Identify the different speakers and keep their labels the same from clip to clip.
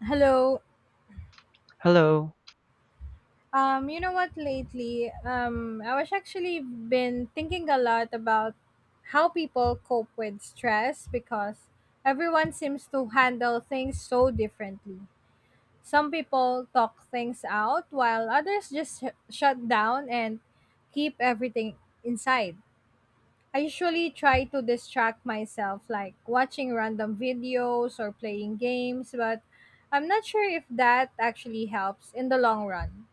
Speaker 1: Hello.
Speaker 2: Hello.
Speaker 1: You know what? Lately, I was actually been thinking a lot about how people cope with stress because everyone seems to handle things so differently. Some people talk things out while others just shut down and keep everything inside. I usually try to distract myself, like watching random videos or playing games, but I'm not sure if that actually helps in the long run.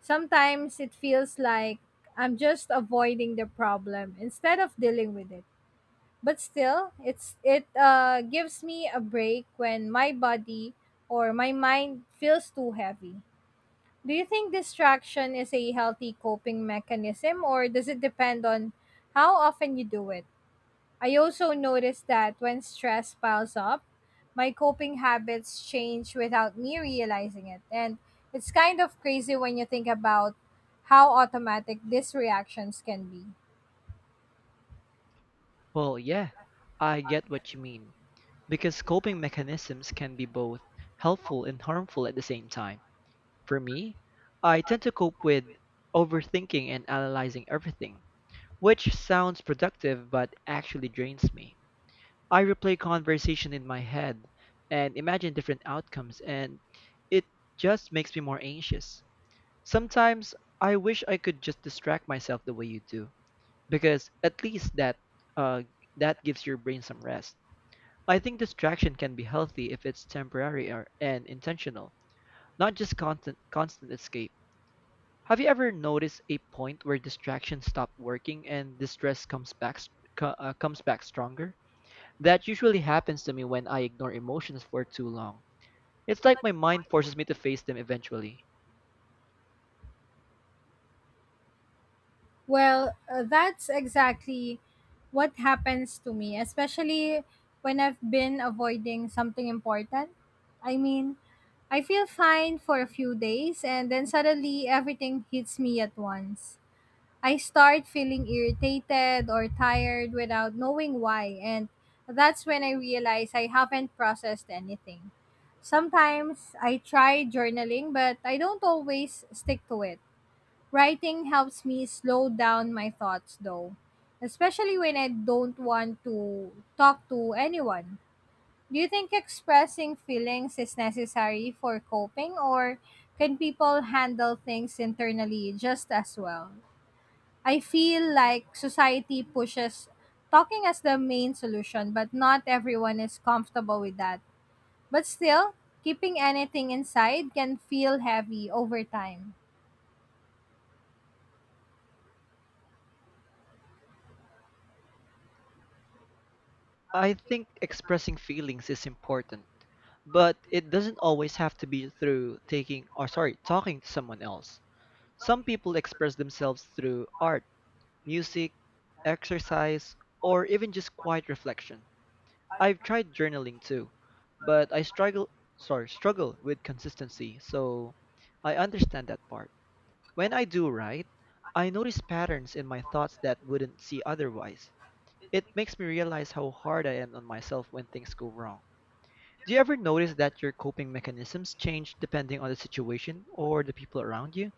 Speaker 1: Sometimes it feels like I'm just avoiding the problem instead of dealing with it. But still, it gives me a break when my body or my mind feels too heavy. Do you think distraction is a healthy coping mechanism or does it depend on how often you do it? I also noticed that when stress piles up, my coping habits change without me realizing it. And it's kind of crazy when you think about how automatic these reactions can be.
Speaker 2: Well, yeah, I get what you mean. Because coping mechanisms can be both helpful and harmful at the same time. For me, I tend to cope with overthinking and analyzing everything, which sounds productive but actually drains me. I replay conversation in my head and imagine different outcomes, and it just makes me more anxious. Sometimes I wish I could just distract myself the way you do because at least uh, that gives your brain some rest. I think distraction can be healthy if it's temporary or, and intentional, not just constant escape. Have you ever noticed a point where distraction stop working and distress comes back stronger? That usually happens to me when I ignore emotions for too long. It's like my mind forces me to face them eventually.
Speaker 1: Well, that's exactly what happens to me, especially when I've been avoiding something important. I mean, I feel fine for a few days and then suddenly everything hits me at once. I start feeling irritated or tired without knowing why, and that's when I realize I haven't processed anything. Sometimes I try journaling, but I don't always stick to it. Writing helps me slow down my thoughts, though, especially when I don't want to talk to anyone. Do you think expressing feelings is necessary for coping, or can people handle things internally just as well? I feel like society pushes talking as the main solution, but not everyone is comfortable with that. But still, keeping anything inside can feel heavy over time.
Speaker 2: I think expressing feelings is important, but it doesn't always have to be through talking to someone else. Some people express themselves through art, music, exercise, or even just quiet reflection. I've tried journaling too, but I struggle with consistency, so I understand that part. When I do write, I notice patterns in my thoughts that wouldn't see otherwise. It makes me realize how hard I am on myself when things go wrong. Do you ever notice that your coping mechanisms change depending on the situation or the people around you?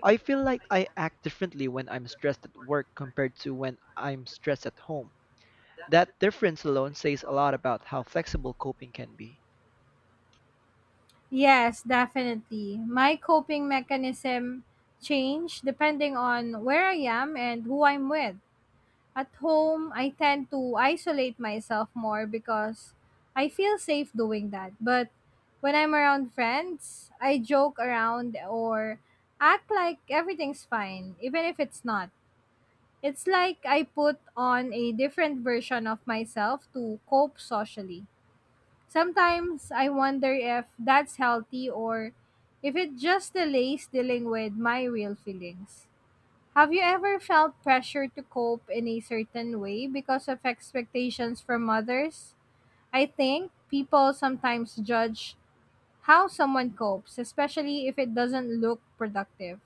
Speaker 2: I feel like I act differently when I'm stressed at work compared to when I'm stressed at home. That difference alone says a lot about how flexible coping can be.
Speaker 1: Yes, definitely. My coping mechanism change depending on where I am and who I'm with. At home, I tend to isolate myself more because I feel safe doing that. But when I'm around friends, I joke around or act like everything's fine, even if it's not. It's like I put on a different version of myself to cope socially. Sometimes I wonder if that's healthy or if it just delays dealing with my real feelings. Have you ever felt pressure to cope in a certain way because of expectations from others? I think people sometimes judge how someone copes, especially if it doesn't look productive.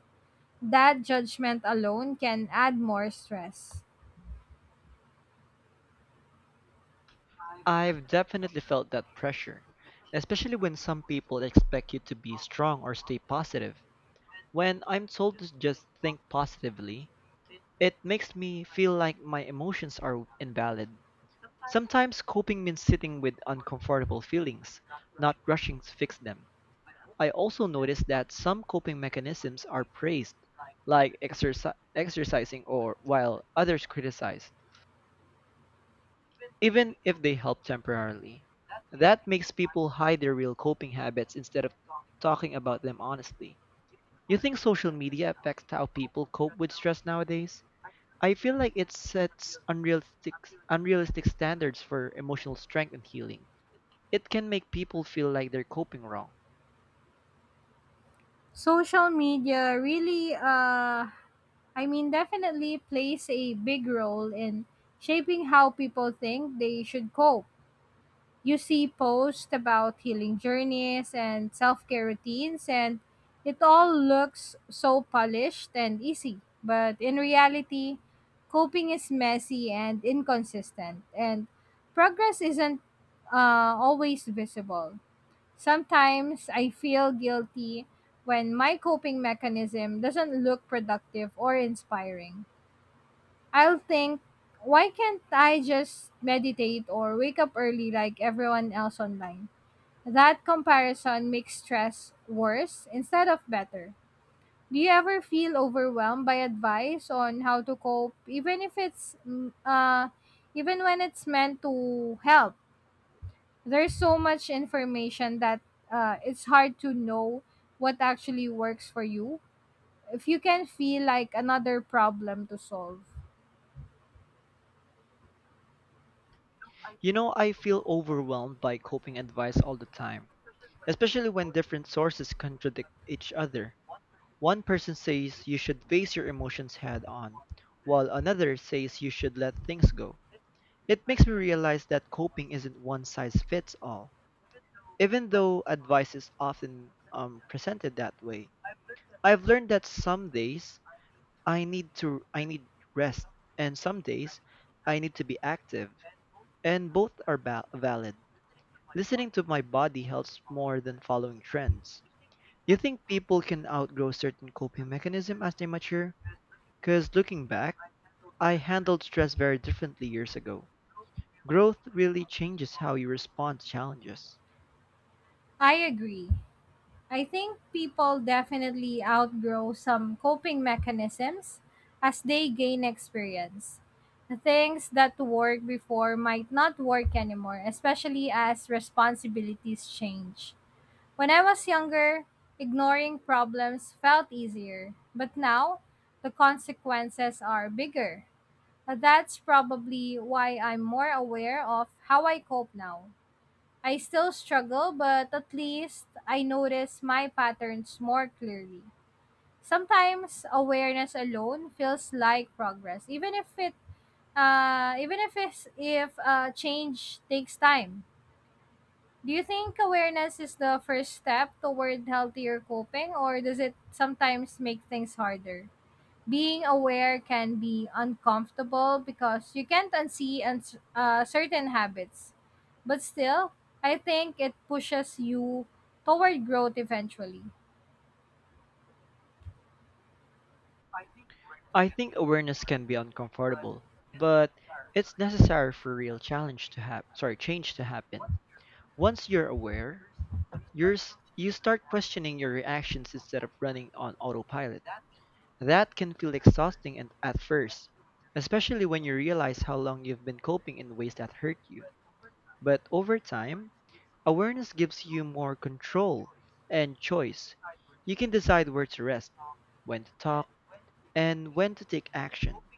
Speaker 1: That judgment alone can add more stress.
Speaker 2: I've definitely felt that pressure, especially when some people expect you to be strong or stay positive. When I'm told to just think positively, it makes me feel like my emotions are invalid. Sometimes coping means sitting with uncomfortable feelings, not rushing to fix them. I also notice that some coping mechanisms are praised, like exercising or while others criticize, even if they help temporarily. That makes people hide their real coping habits instead of talking about them honestly. You think social media affects how people cope with stress nowadays? I feel like it sets unrealistic standards for emotional strength and healing. It can make people feel like they're coping wrong.
Speaker 1: Social media really definitely plays a big role in shaping how people think they should cope. You see posts about healing journeys and self-care routines, and it all looks so polished and easy, but in reality coping is messy and inconsistent, and progress isn't always visible. Sometimes I feel guilty when my coping mechanism doesn't look productive or inspiring. I'll think, why can't I just meditate or wake up early like everyone else online? That comparison makes stress worse instead of better. Do you ever feel overwhelmed by advice on how to cope, even if it's mm, even when it's meant to help? There's so much information that it's hard to know what actually works for you. If you can feel like another problem to solve,
Speaker 2: You know, I feel overwhelmed by coping advice all the time, especially when different sources contradict each other. One person says you should face your emotions head on, while another says you should let things go. It makes me realize that coping isn't one size fits all. Even though advice is often presented that way, I've learned that some days I need rest and some days I need to be active and both are valid. Listening to my body helps more than following trends. You think people can outgrow certain coping mechanism as they mature? Cuz looking back, I handled stress very differently years ago. Growth really changes how you respond to challenges.
Speaker 1: I agree. I think people definitely outgrow some coping mechanisms as they gain experience. The things that worked before might not work anymore, especially as responsibilities change. When I was younger, ignoring problems felt easier, but now the consequences are bigger. That's probably why I'm more aware of how I cope now. I still struggle, but at least I notice my patterns more clearly. Sometimes awareness alone feels like progress, even if it even if it's, if change takes time. Do you think awareness is the first step toward healthier coping, or does it sometimes make things harder? Being aware can be uncomfortable because you can't unsee certain habits. But still, I think it pushes you toward growth eventually.
Speaker 2: I think awareness can be uncomfortable, but it's necessary for real challenge to have sorry, change to happen. Once you're aware, you start questioning your reactions instead of running on autopilot. That can feel exhausting and at first, especially when you realize how long you've been coping in ways that hurt you. But over time, awareness gives you more control and choice. You can decide where to rest, when to talk, and when to take action.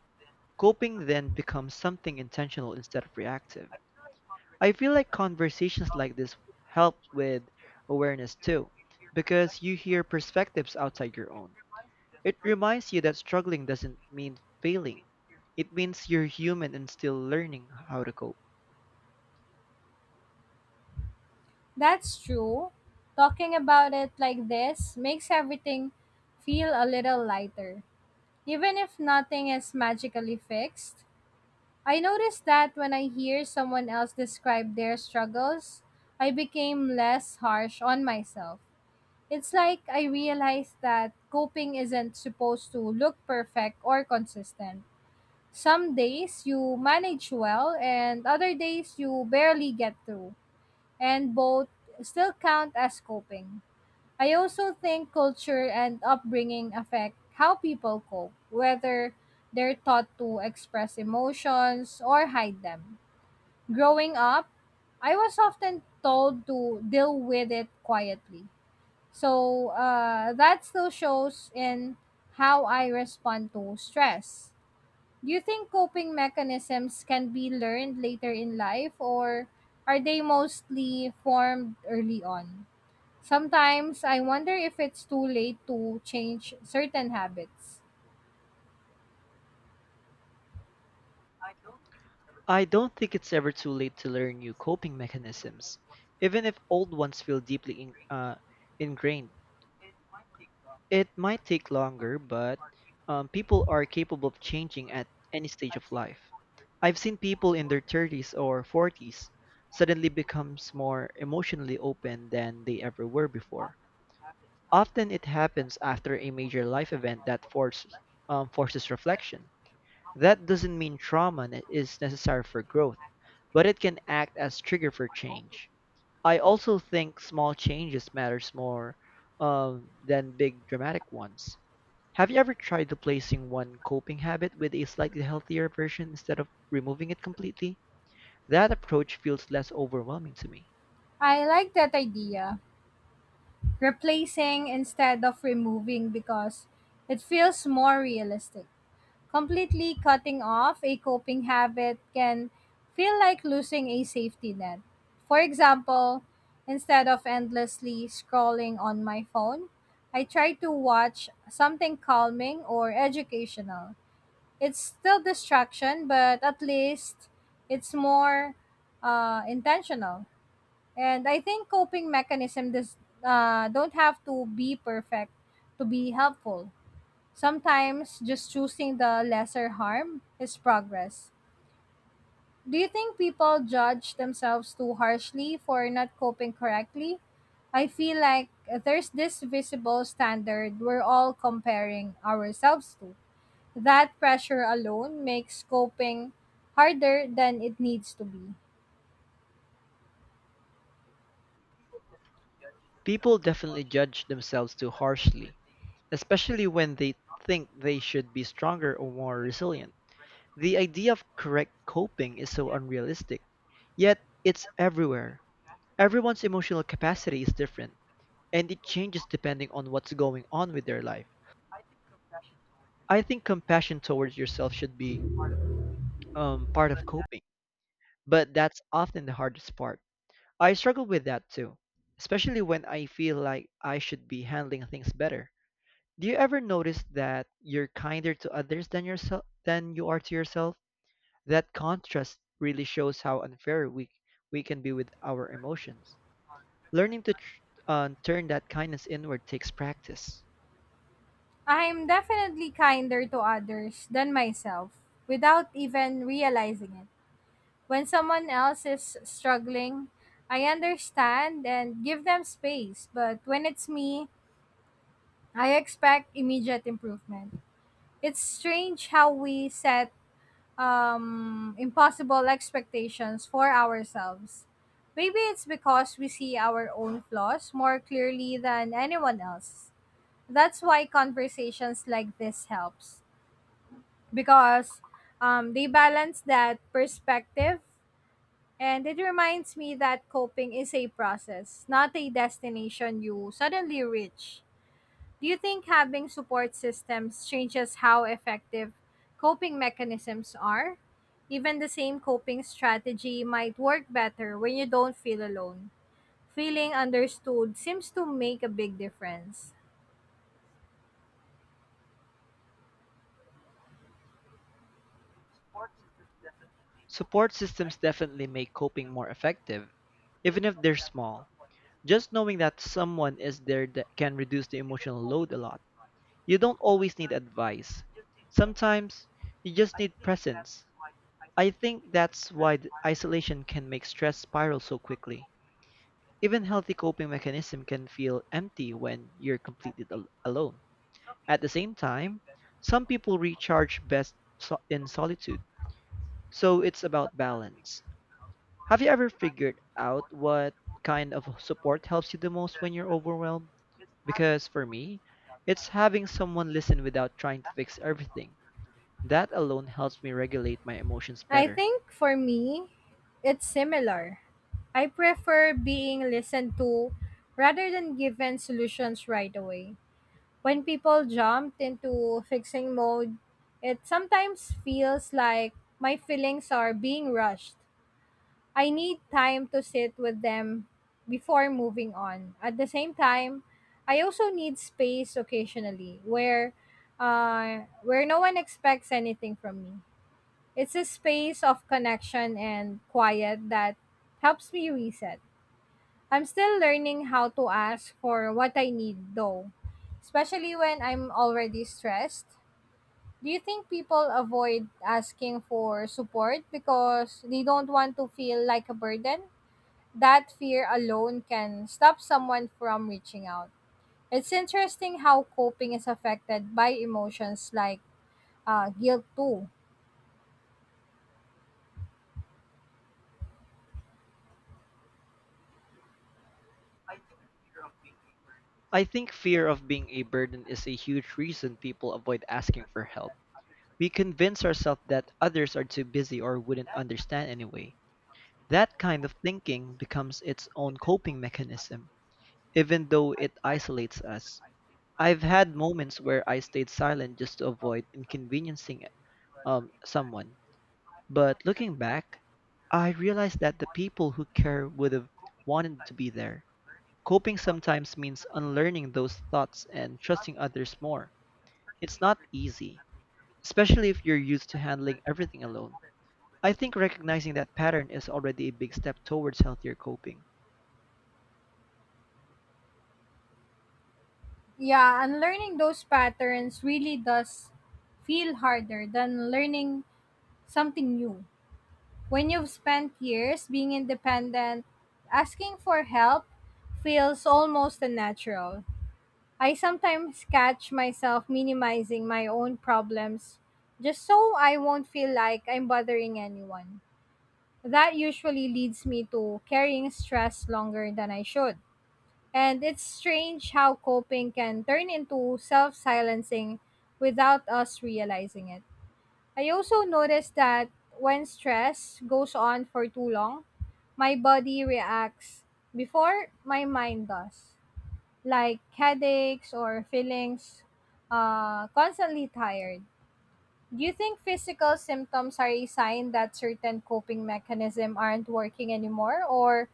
Speaker 2: Coping then becomes something intentional instead of reactive. I feel like conversations like this help with awareness too, because you hear perspectives outside your own. It reminds you that struggling doesn't mean failing, it means you're human and still learning how to cope.
Speaker 1: That's true. Talking about it like this makes everything feel a little lighter. Even if nothing is magically fixed, I noticed that when I hear someone else describe their struggles, I became less harsh on myself. It's like I realized that coping isn't supposed to look perfect or consistent. Some days you manage well, and other days you barely get through, and both still count as coping. I also think culture and upbringing affect how people cope, whether they're taught to express emotions or hide them. Growing up, I was often told to deal with it quietly. So that still shows in how I respond to stress. Do you think coping mechanisms can be learned later in life or are they mostly formed early on? Sometimes I wonder if it's too late to change certain habits.
Speaker 2: I don't think it's ever too late to learn new coping mechanisms, even if old ones feel deeply ingrained. It might take longer, but people are capable of changing at any stage of life. I've seen people in their 30s or 40s suddenly becomes more emotionally open than they ever were before. Often it happens after a major life event that forces reflection. That doesn't mean trauma is necessary for growth, but it can act as trigger for change. I also think small changes matters more than big dramatic ones. Have you ever tried replacing one coping habit with a slightly healthier version instead of removing it completely? That approach feels less overwhelming to me.
Speaker 1: I like that idea, replacing instead of removing, because it feels more realistic. Completely cutting off a coping habit can feel like losing a safety net. For example, instead of endlessly scrolling on my phone, I try to watch something calming or educational. It's still distraction, but at least it's more intentional. And I think coping mechanism does don't have to be perfect to be helpful. Sometimes just choosing the lesser harm is progress. Do you think people judge themselves too harshly for not coping correctly? I feel like there's this visible standard we're all comparing ourselves to. That pressure alone makes coping harder than it needs to be.
Speaker 2: People definitely judge themselves too harshly, especially when they think they should be stronger or more resilient. The idea of correct coping is so unrealistic, yet it's everywhere. Everyone's emotional capacity is different, and it changes depending on what's going on with their life. I think compassion towards yourself should be part of coping. But that's often the hardest part. I struggle with that too, especially when I feel like I should be handling things better. Do you ever notice that you're kinder to others than yourself than you are to yourself? That contrast really shows how unfair we can be with our emotions. Learning to turn that kindness inward takes practice.
Speaker 1: I'm definitely kinder to others than myself without even realizing it. When someone else is struggling, I understand and give them space, but when it's me, I expect immediate improvement. It's strange how we set impossible expectations for ourselves. Maybe it's because we see our own flaws more clearly than anyone else. That's why conversations like this helps, because they balance that perspective, and it reminds me that coping is a process, not a destination you suddenly reach. Do you think having support systems changes how effective coping mechanisms are? Even the same coping strategy might work better when you don't feel alone. Feeling understood seems to make a big difference.
Speaker 2: Support systems definitely make coping more effective, even if they're small. Just knowing that someone is there that can reduce the emotional load a lot. You don't always need advice. Sometimes you just need presence. I think that's why isolation can make stress spiral so quickly. Even healthy coping mechanism can feel empty when you're completely alone. At the same time, some people recharge best in solitude. So it's about balance. Have you ever figured out what kind of support helps you the most when you're overwhelmed? Because for me, it's having someone listen without trying to fix everything. That alone helps me regulate my emotions
Speaker 1: I
Speaker 2: better.
Speaker 1: think for me, it's similar. I prefer being listened to rather than given solutions right away. When people jump into fixing mode, it sometimes feels like my feelings are being rushed. I need time to sit with them before moving on. At the same time, I also need space occasionally where no one expects anything from me. It's a space of connection and quiet that helps me reset. I'm still learning how to ask for what I need, though, especially when I'm already stressed. Do you think people avoid asking for support because they don't want to feel like a burden? That fear alone can stop someone from reaching out. It's interesting how coping is affected by emotions like guilt, too.
Speaker 2: I think fear of being a burden is a huge reason people avoid asking for help. We convince ourselves that others are too busy or wouldn't understand anyway. That kind of thinking becomes its own coping mechanism, even though it isolates us. I've had moments where I stayed silent just to avoid inconveniencing someone. But looking back, I realized that the people who care would have wanted to be there. Coping sometimes means unlearning those thoughts and trusting others more. It's not easy, especially if you're used to handling everything alone. I think recognizing that pattern is already a big step towards healthier coping.
Speaker 1: Yeah, and learning those patterns really does feel harder than learning something new. When you've spent years being independent, asking for help feels almost unnatural. I sometimes catch myself minimizing my own problems just so I won't feel like I'm bothering anyone. That usually leads me to carrying stress longer than I should. And it's strange how coping can turn into self silencing without us realizing it. I also noticed that when stress goes on for too long, my body reacts before my mind does, like headaches or feelings constantly tired. Do you think physical symptoms are a sign that certain coping mechanism aren't working anymore? Or,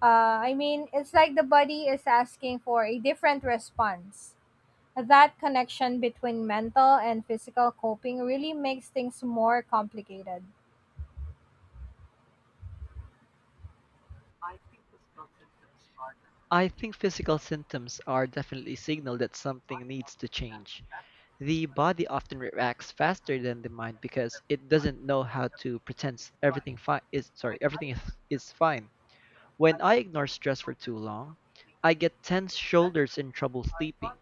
Speaker 1: uh, I mean, it's like the body is asking for a different response. That connection between mental and physical coping really makes things more complicated.
Speaker 2: I think physical symptoms are definitely a signal that something needs to change. The body often reacts faster than the mind because it doesn't know how to pretend everything is fine. When I ignore stress for too long, I get tense shoulders and trouble sleeping.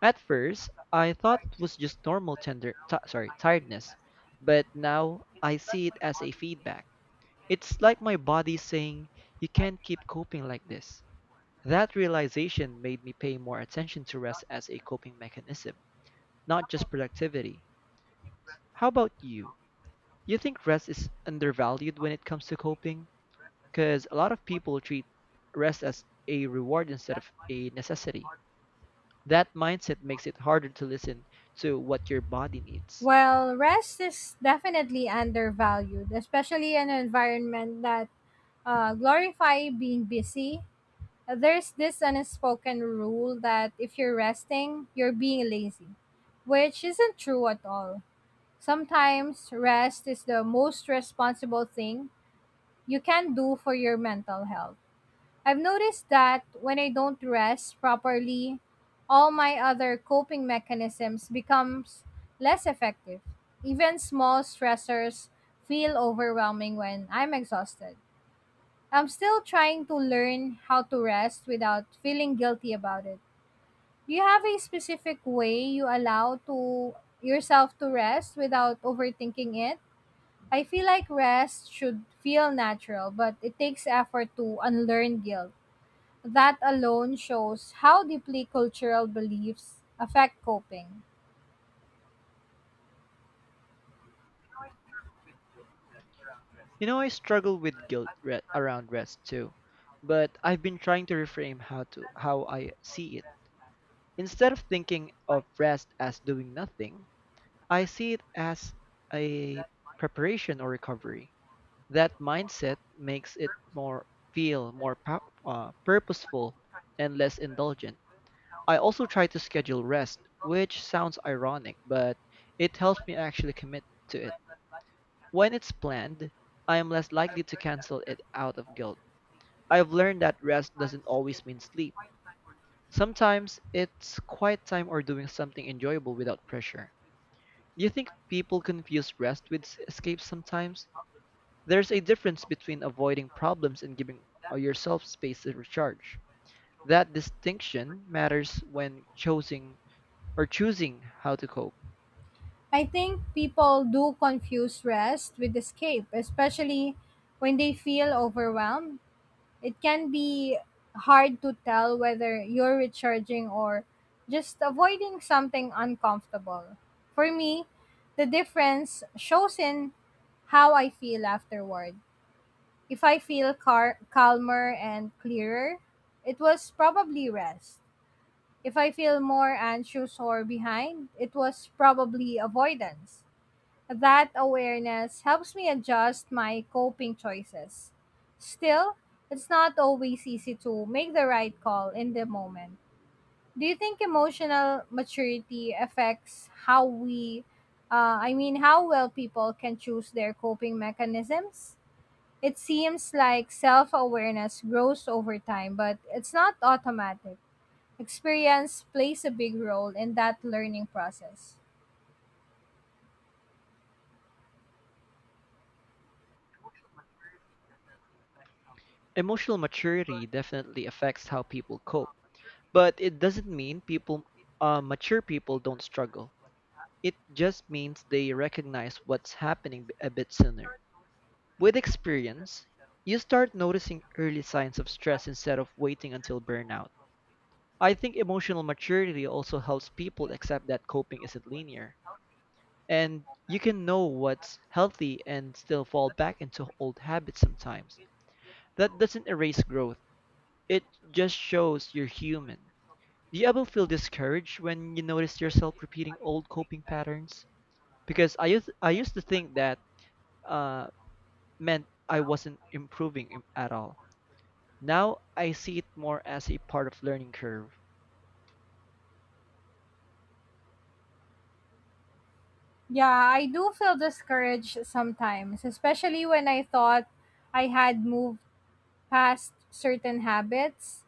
Speaker 2: At first, I thought it was just normal tiredness, but now I see it as a feedback. It's like my body saying, "You can't keep coping like this." That realization made me pay more attention to rest as a coping mechanism, not just productivity. How about you? You think rest is undervalued when it comes to coping? Because a lot of people treat rest as a reward instead of a necessity. That mindset makes it harder to listen to what your body needs.
Speaker 1: Well, rest is definitely undervalued, especially in an environment that glorify being busy. There's this unspoken rule that if you're resting, you're being lazy, which isn't true at all. Sometimes rest is the most responsible thing you can do for your mental health. I've noticed that when I don't rest properly, all my other coping mechanisms becomes less effective. Even small stressors feel overwhelming when I'm exhausted. I'm still trying to learn how to rest without feeling guilty about it. Do you have a specific way you allow to yourself to rest without overthinking it? I feel like rest should feel natural, but it takes effort to unlearn guilt. That alone shows how deeply cultural beliefs affect coping.
Speaker 2: You know, I struggle with guilt around rest too, but I've been trying to reframe how I see it. Instead of thinking of rest as doing nothing, I see it as a preparation or recovery. That mindset makes it more feel more pow- purposeful and less indulgent. I also try to schedule rest, which sounds ironic, but it helps me actually commit to it. When it's planned, I am less likely to cancel it out of guilt. I've learned that rest doesn't always mean sleep. Sometimes it's quiet time or doing something enjoyable without pressure. Do you think people confuse rest with escape sometimes? There's a difference between avoiding problems and giving yourself space to recharge. That distinction matters when choosing how to cope.
Speaker 1: I think people do confuse rest with escape, especially when they feel overwhelmed. It can be hard to tell whether you're recharging or just avoiding something uncomfortable. For me, the difference shows in how I feel afterward. If I feel calmer and clearer, it was probably rest. If I feel more anxious or behind, it was probably avoidance. That awareness helps me adjust my coping choices. Still, it's not always easy to make the right call in the moment. Do you think emotional maturity affects how we, I mean, how well people can choose their coping mechanisms? It seems like self awareness grows over time, but it's not automatic. Experience plays a big role in that learning process.
Speaker 2: Emotional maturity definitely affects how people cope, but it doesn't mean people mature people don't struggle. It just means they recognize what's happening a bit sooner. With experience, you start noticing early signs of stress instead of waiting until burnout. I think emotional maturity also helps people accept that coping isn't linear, and you can know what's healthy and still fall back into old habits sometimes. That doesn't erase growth, it just shows you're human. Do you ever feel discouraged when you notice yourself repeating old coping patterns? Because I used to think that uh, meant I wasn't improving at all. Now I see it more as a part of learning curve.
Speaker 1: Yeah, I do feel discouraged sometimes, especially when I thought I had moved past certain habits.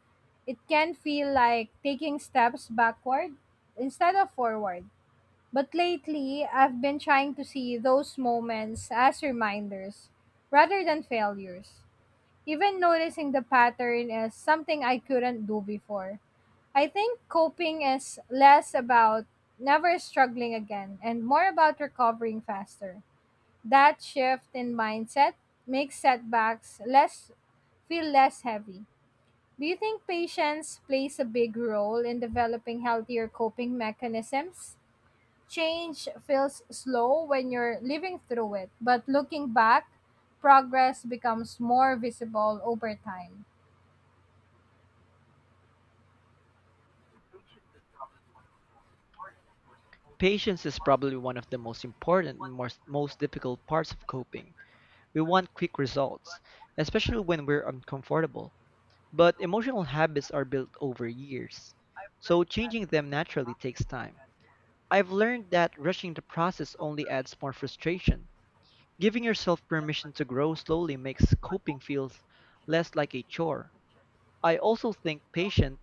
Speaker 1: It can feel like taking steps backward instead of forward. But lately, I've been trying to see those moments as reminders rather than failures. Even noticing the pattern as something I couldn't do before. I think coping is less about never struggling again and more about recovering faster. That shift in mindset makes setbacks less feel less heavy. Do you think patience plays a big role in developing healthier coping mechanisms? Change feels slow when you're living through it, but looking back, progress becomes more visible over time.
Speaker 2: Patience is probably one of the most important and most difficult parts of coping. We want quick results, especially when we're uncomfortable. But emotional habits are built over years, so changing them naturally takes time. I've learned that rushing the process only adds more frustration. Giving yourself permission to grow slowly makes coping feel less like a chore. I also think patience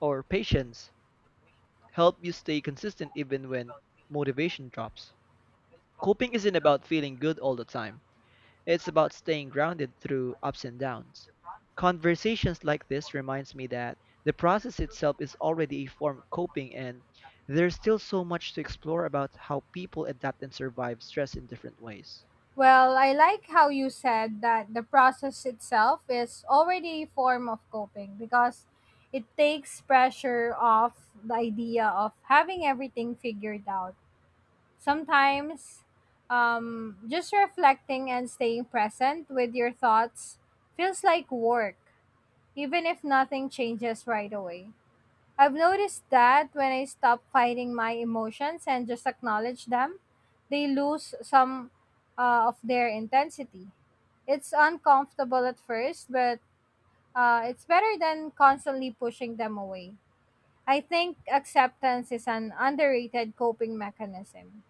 Speaker 2: or patience help you stay consistent even when motivation drops. Coping isn't about feeling good all the time. It's about staying grounded through ups and downs. Conversations like this reminds me that the process itself is already a form of coping and there's still so much to explore about how people adapt and survive stress in different ways.
Speaker 1: Well, I like how you said that the process itself is already a form of coping, because it takes pressure off the idea of having everything figured out. Sometimes, just reflecting and staying present with your thoughts feels like work, even if nothing changes right away. I've noticed that when I stop fighting my emotions and just acknowledge them, they lose some of their intensity. It's uncomfortable at first, but it's better than constantly pushing them away. I think acceptance is an underrated coping mechanism.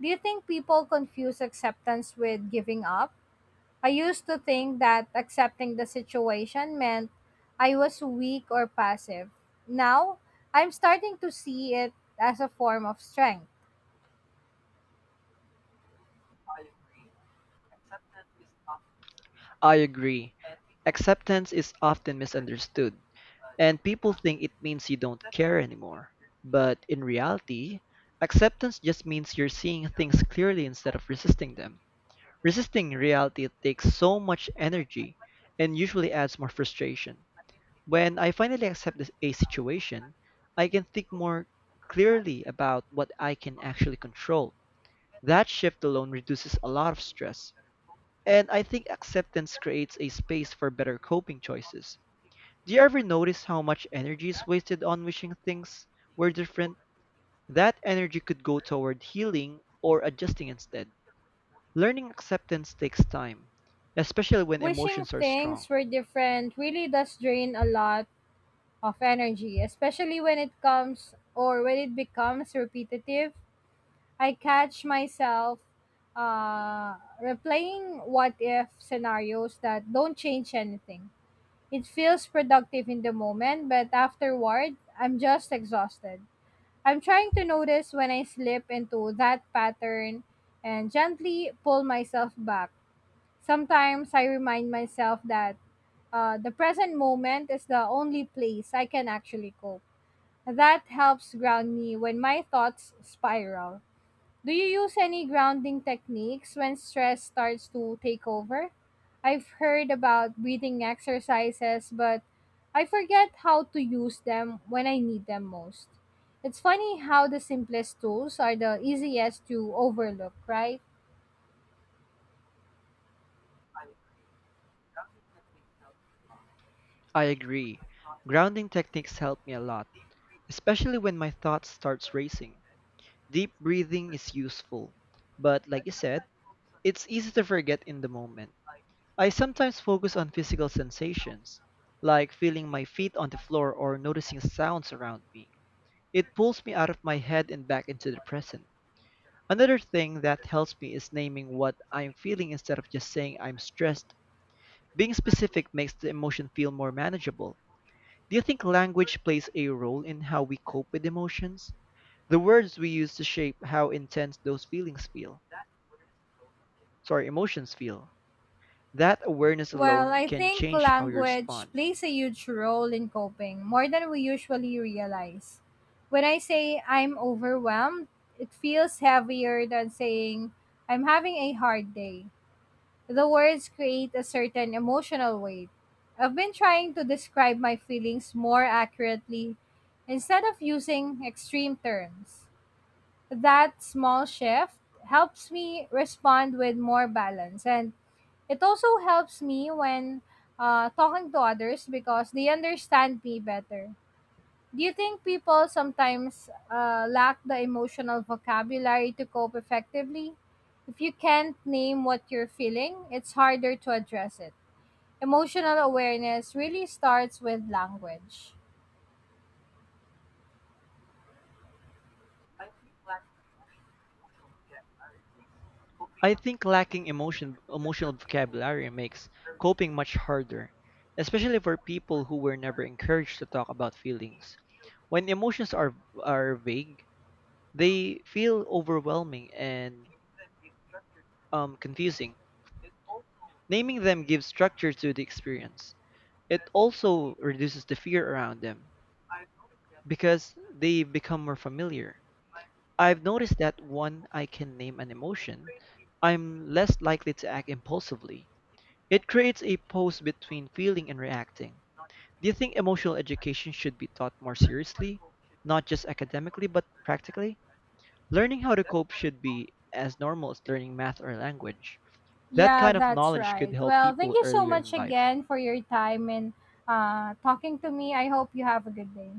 Speaker 1: Do you think people confuse acceptance with giving up? I used to think that accepting the situation meant I was weak or passive. Now, I'm starting to see it as a form of strength.
Speaker 2: I agree. Acceptance is often misunderstood, and people think it means you don't care anymore. But in reality, acceptance just means you're seeing things clearly instead of resisting them. Resisting reality takes so much energy and usually adds more frustration. When I finally accept a situation, I can think more clearly about what I can actually control. That shift alone reduces a lot of stress and I think acceptance creates a space for better coping choices. Do you ever notice how much energy is wasted on wishing things were different? That energy could go toward healing or adjusting instead. Learning acceptance takes time, especially when
Speaker 1: Wishing
Speaker 2: emotions are
Speaker 1: things
Speaker 2: strong.
Speaker 1: were different really does drain a lot of energy, especially when it becomes repetitive. I catch myself uh, replaying what if scenarios that don't change anything. It feels productive in the moment, but afterward, I'm just exhausted. I'm trying to notice when I slip into that pattern and gently pull myself back. Sometimes I remind myself that the present moment is the only place I can actually cope. That helps ground me when my thoughts spiral. Do you use any grounding techniques when stress starts to take over? I've heard about breathing exercises, but I forget how to use them when I need them most. It's funny how the simplest tools are the easiest to overlook, right?
Speaker 2: I agree. Grounding techniques help me a lot, especially when my thoughts starts racing. Deep breathing is useful, but like you said, it's easy to forget in the moment. I sometimes focus on physical sensations, like feeling my feet on the floor or noticing sounds around me. It pulls me out of my head and back into the present. Another thing that helps me is naming what I'm feeling instead of just saying I'm stressed. Being specific makes the emotion feel more manageable. Do you think language plays a role in how we cope with emotions? The words we use to shape how intense those emotions feel. That awareness
Speaker 1: Well,
Speaker 2: alone
Speaker 1: I
Speaker 2: can
Speaker 1: think
Speaker 2: change how you
Speaker 1: language
Speaker 2: respond.
Speaker 1: plays a huge role in coping, more than we usually realize. When I say I'm overwhelmed, it feels heavier than saying I'm having a hard day. The words create a certain emotional weight. I've been trying to describe my feelings more accurately instead of using extreme terms. That small shift helps me respond with more balance, and it also helps me when talking to others because they understand me better. Do you think people sometimes lack the emotional vocabulary to cope effectively? If you can't name what you're feeling, it's harder to address it. Emotional awareness really starts with language.
Speaker 2: I think lacking emotional vocabulary makes coping much harder, especially for people who were never encouraged to talk about feelings. When emotions are vague, they feel overwhelming and confusing. Naming them gives structure to the experience. It also reduces the fear around them because they become more familiar. I've noticed that when I can name an emotion, I'm less likely to act impulsively. It creates a pause between feeling and reacting. Do you think emotional education should be taught more seriously, not just academically but practically? Learning how to cope should be as normal as learning math or language. That
Speaker 1: Yeah,
Speaker 2: kind of
Speaker 1: that's
Speaker 2: knowledge could
Speaker 1: right.
Speaker 2: help
Speaker 1: Well, thank
Speaker 2: people
Speaker 1: you so
Speaker 2: earlier
Speaker 1: much
Speaker 2: in life.
Speaker 1: again for your time and talking to me. I hope you have a good day.